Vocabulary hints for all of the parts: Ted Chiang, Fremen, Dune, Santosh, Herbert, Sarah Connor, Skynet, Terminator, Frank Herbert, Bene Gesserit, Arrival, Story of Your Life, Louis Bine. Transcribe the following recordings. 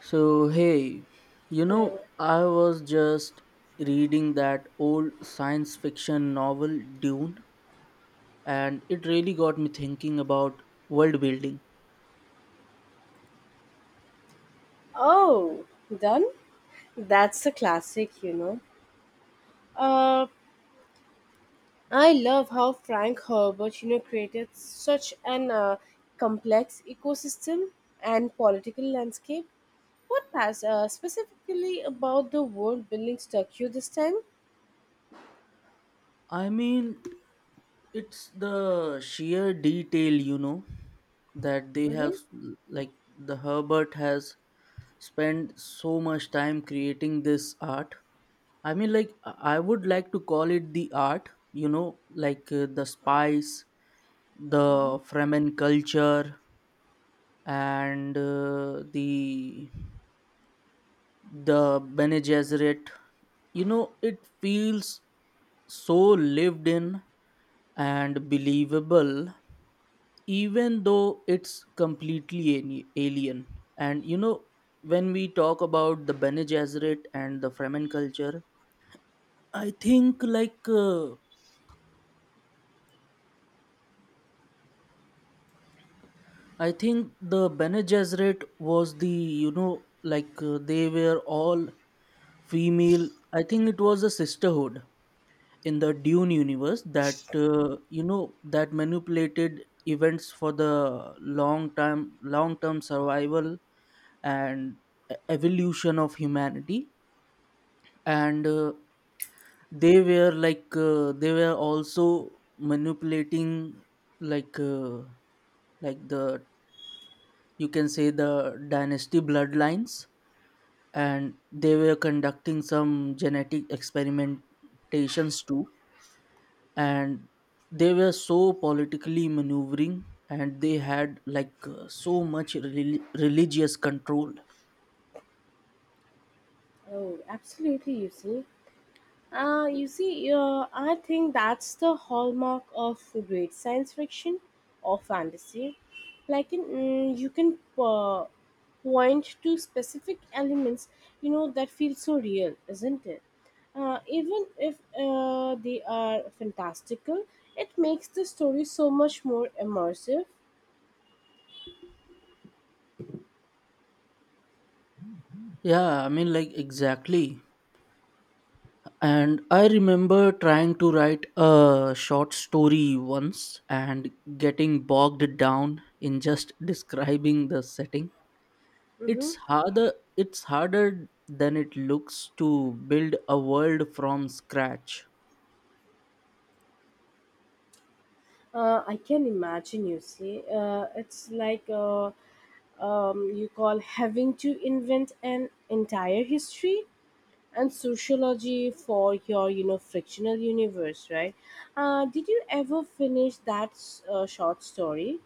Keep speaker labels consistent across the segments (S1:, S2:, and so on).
S1: So, hey, I was just reading that old science fiction novel Dune, and it really got me thinking about world building.
S2: Oh, done? That's a classic, you know. Uh, I love how Frank Herbert, you know, created such an complex ecosystem and political landscape. What pass specifically about the world building struck you this time?
S1: I mean, it's the sheer detail, you know, that they have,
S2: Mm-hmm.
S1: like, the Herbert has spent so much time creating this art. I mean, I would like to call it the art, the spice, the Fremen culture, and the Bene Gesserit. You know, it feels so lived in and believable, even though it's completely alien. And you know, when we talk about the Bene Gesserit and the Fremen culture, I think like. I think the Bene Gesserit was the they were all female. I think it was a sisterhood in the Dune universe that manipulated events for the long term survival and evolution of humanity, and they were they were also manipulating like uh, the, you can say, the dynasty bloodlines, and they were conducting some genetic experimentations too, and they were so politically maneuvering, and they had so much religious control.
S2: Oh, absolutely, you see. I think that's the hallmark of great science fiction or fantasy. You can point to specific elements, you know, that feel so real, isn't it? Even if they are fantastical, it makes the story so much more immersive.
S1: Yeah, I mean, like, exactly. And I remember trying to write a short story once and getting bogged down in just describing the setting. it's
S2: Mm-hmm.
S1: harder it's harder than it looks to build a world from scratch.
S2: I can imagine, you see. It's like you call having to invent an entire history and sociology for your, you know, frictional universe, right? Did you ever finish that short story?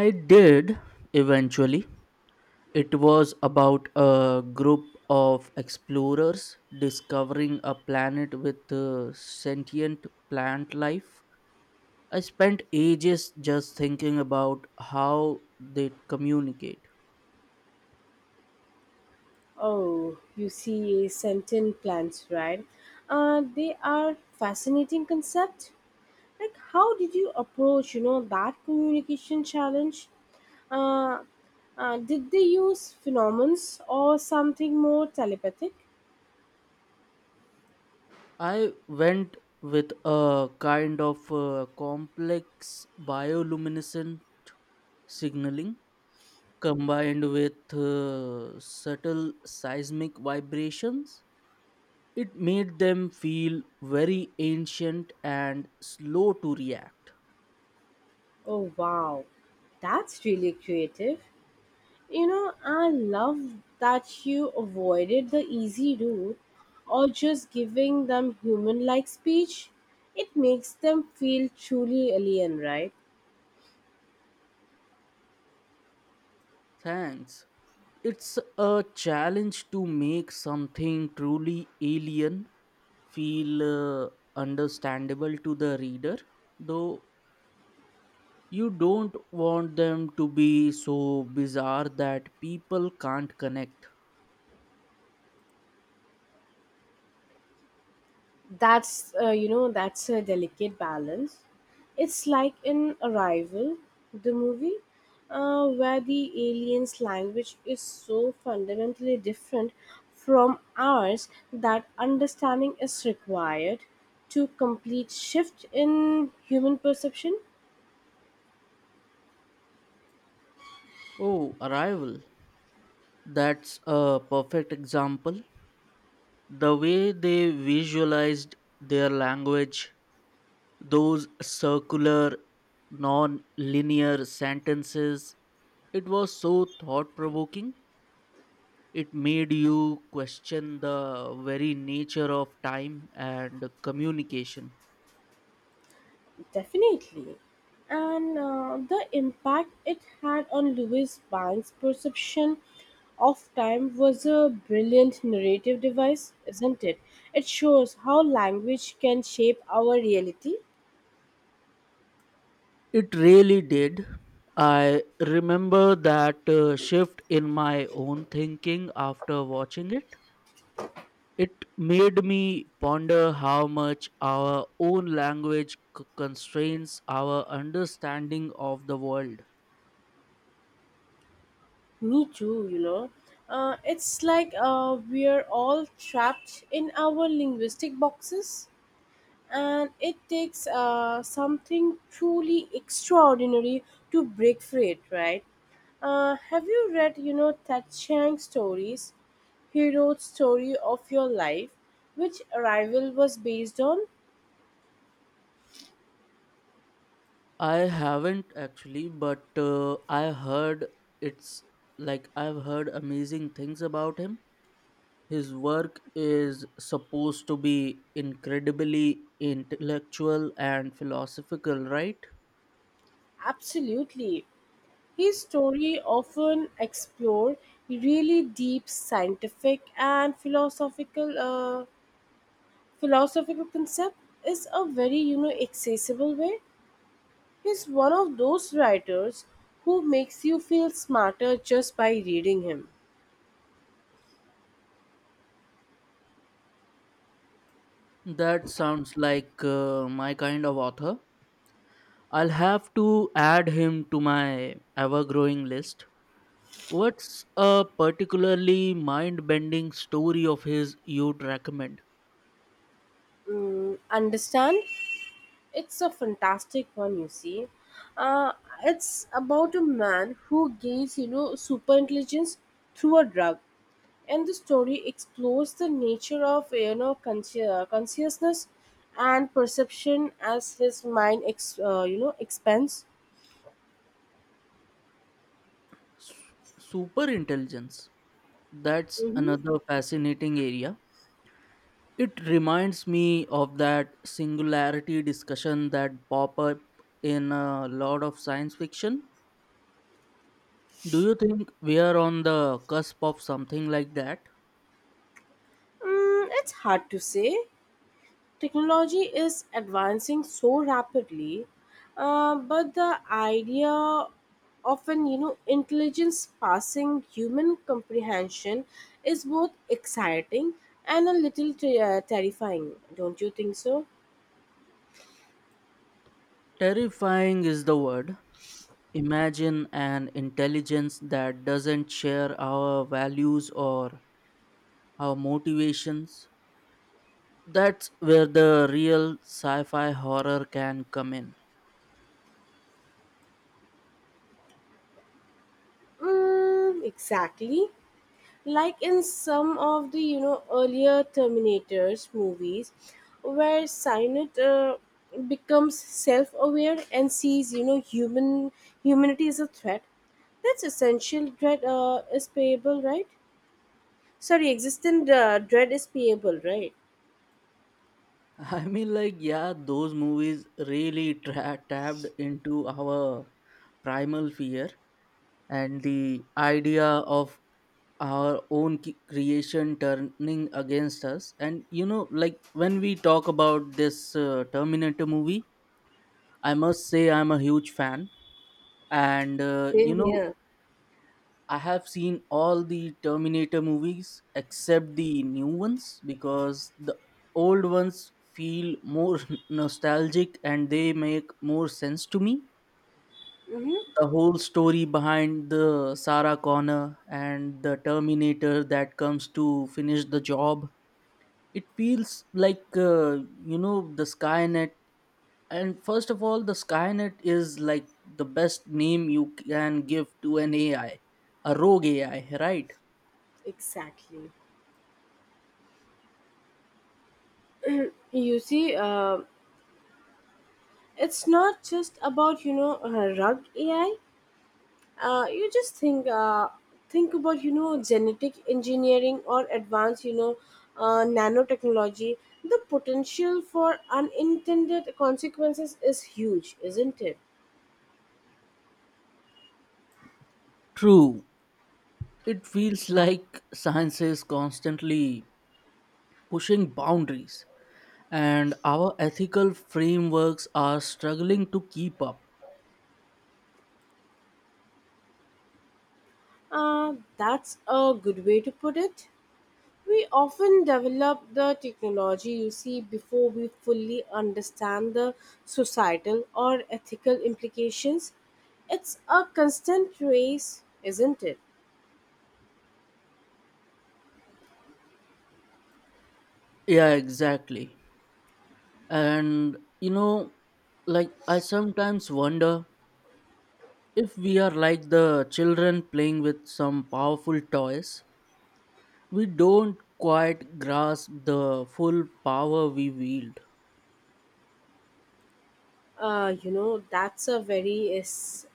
S1: I did, eventually. It was about a group of explorers discovering a planet with sentient plant life. I spent ages just thinking about how they communicate.
S2: Oh, you see, sentient plants, right? They are fascinating concept. Like, how did you approach, you know, that communication challenge? uh, did they use phenomens or something more telepathic?
S1: I went with a kind of complex bioluminescent signaling. Combined with subtle seismic vibrations, it made them feel very ancient and slow to react.
S2: Oh wow, that's really creative. You know, I love that you avoided the easy route or just giving them human like speech. It makes them feel truly alien, right?
S1: Thanks. It's a challenge to make something truly alien feel uh, understandable to the reader, though you don't want them to be so bizarre that people can't connect.
S2: That's you know, that's a delicate balance. It's like in Arrival, the movie, where the aliens language is so fundamentally different from ours that understanding is required to complete shift in human perception.
S1: Oh, Arrival. That's a perfect example. The way they visualized their language, those circular, non linear sentences, it was so thought provoking. It made you question the very nature of time and communication.
S2: Definitely. And the impact it had on Louis Bine's perception of time was a brilliant narrative device, isn't it? It shows how language can shape our reality.
S1: It really did. I remember that shift in my own thinking after watching it. It made me ponder how much our own language constrains our understanding of the world.
S2: Me too, you know. It's like we're all trapped in our linguistic boxes. And it takes something truly extraordinary to break free it, right? Have you read, you know, Ted Chiang stories, hero story of your life, which Arrival was based on?
S1: I haven't, actually, but I heard it's, I've heard amazing things about him. His work is supposed to be incredibly intellectual and philosophical, right?
S2: Absolutely. His story often explored really deep scientific and philosophical concept is a very, you know, accessible way. He's one of those writers who makes you feel smarter just by reading him.
S1: That sounds like my kind of author. I'll have to add him to my ever growing list. What's a particularly mind bending story of his you'd recommend?
S2: Mm, understand? It's a fantastic one, you see. Uh, it's about a man who gains, you know, super intelligence through a drug, and the story explores the nature of, you know, consciousness and perception as his mind, you know, expands.
S1: S- Super intelligence. That's
S2: Mm-hmm.
S1: another fascinating area. It reminds me of that singularity discussion that pop up in a lot of science fiction. Do you think we are on the cusp of something like that?
S2: Mm, it's hard to say. Technology is advancing so rapidly, but the idea of an, you know, intelligence passing human comprehension is both exciting and a little terrifying, don't you think so?
S1: Terrifying is the word. Imagine an intelligence that doesn't share our values or our motivations. That's where the real sci fi horror can come in.
S2: Mm, exactly. Like in some of the, you know, earlier terminators movies where Cynet becomes self-aware and sees, you know, humanity as a threat. That's essential dread is payable, right? Sorry, existent dread is payable, right?
S1: I mean, like, yeah, those movies really tapped into our primal fear and the idea of our own creation turning against us. And you know, like, when we talk about this Terminator movie, I must say I'm a huge fan. And
S2: Same here.
S1: I have seen all the Terminator movies except the new ones, because the old ones feel more nostalgic and they make more sense to me.
S2: Mm-hmm.
S1: The whole story behind the Sarah Connor and the Terminator that comes to finish the job. It feels like, the Skynet. And first of all, the Skynet is like the best name you can give to an AI, a rogue AI, right?
S2: Exactly, you see. It's not just about, you know, rug ai. You just think about, you know, genetic engineering or advanced, you know, nanotechnology. The potential for unintended consequences is huge, isn't it?
S1: True, it feels like science is constantly pushing boundaries, and our ethical frameworks are struggling to keep up.
S2: That's a good way to put it. We often develop the technology, you see, before we fully understand the societal or ethical implications. It's a constant race, isn't it?
S1: Yeah, exactly. And you know, like, I sometimes wonder if we are like the children playing with some powerful toys, we don't quite grasp the full power we wield.
S2: You know, that's a very is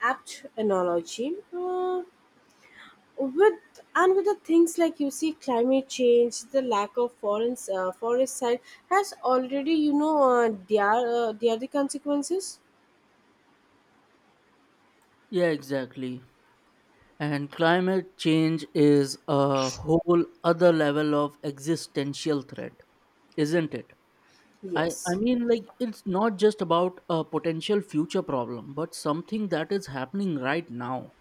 S2: apt analogy, with the things like, you see, climate change, the lack of forest side has already, you know, uh, their their the consequences.
S1: Yeah, exactly. And climate change is a whole other level of existential threat, isn't it? I
S2: Yes,
S1: mean, like, it's not just about a potential future problem, but something that is happening right now.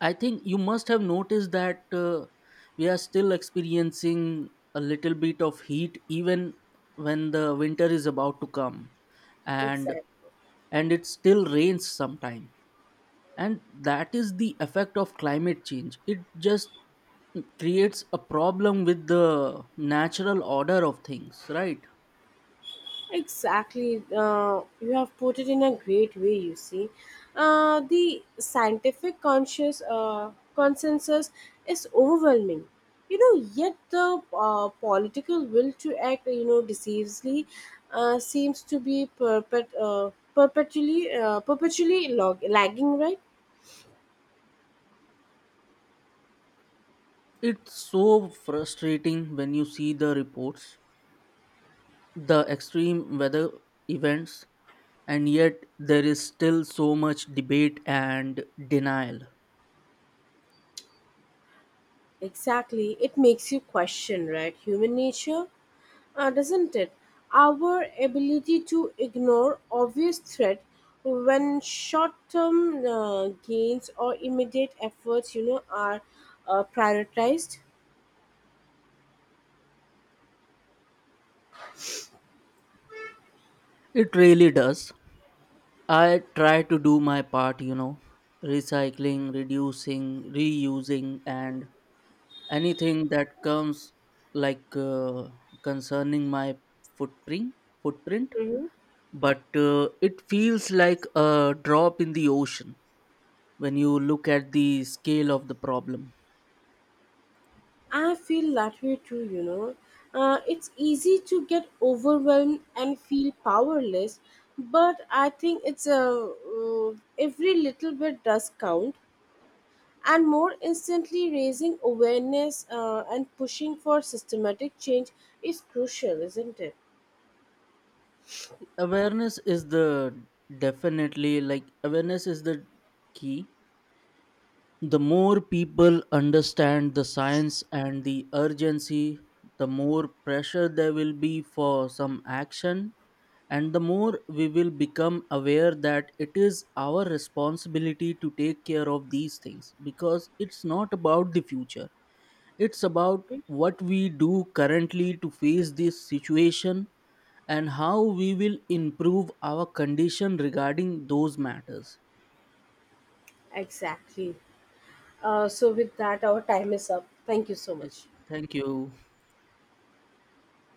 S1: I think you must have noticed that we are still experiencing a little bit of heat even when the winter is about to come, and
S2: exactly.
S1: and it still rains sometime, and that is the effect of climate change. It just creates a problem with the natural order of things, right?
S2: Exactly. You have put it in a great way, you see. The scientific conscious consensus is overwhelming. You know, yet the political will to act, you know, decisively seems to be perpetually lagging, right?
S1: It's so frustrating when you see the reports, the extreme weather events, and yet there is still so much debate and denial.
S2: Exactly. It makes you question, right? Human nature, doesn't it? Our ability to ignore obvious threat when short-term gains or immediate efforts, you know, are prioritized.
S1: It really does. I try to do my part, you know, recycling, reducing, reusing, and anything that comes, like uh, concerning my footprint footprint.
S2: Hmm.
S1: But it feels like a drop in the ocean when you look at the scale of the problem.
S2: I feel that way too, you know. It's easy to get overwhelmed and feel powerless, but I think it's a every little bit does count. And more instantly raising awareness and pushing for systematic change is crucial, isn't it?
S1: Awareness is the Definitely, like, awareness is the key. The more people understand the science and the urgency, the more pressure there will be for some action, and the more we will become aware that it is our responsibility to take care of these things, because it's not about the future, it's about what we do currently to face this situation and how we will improve our condition regarding those matters.
S2: Exactly. So with that our time is up. Thank you so much.
S1: Thank you.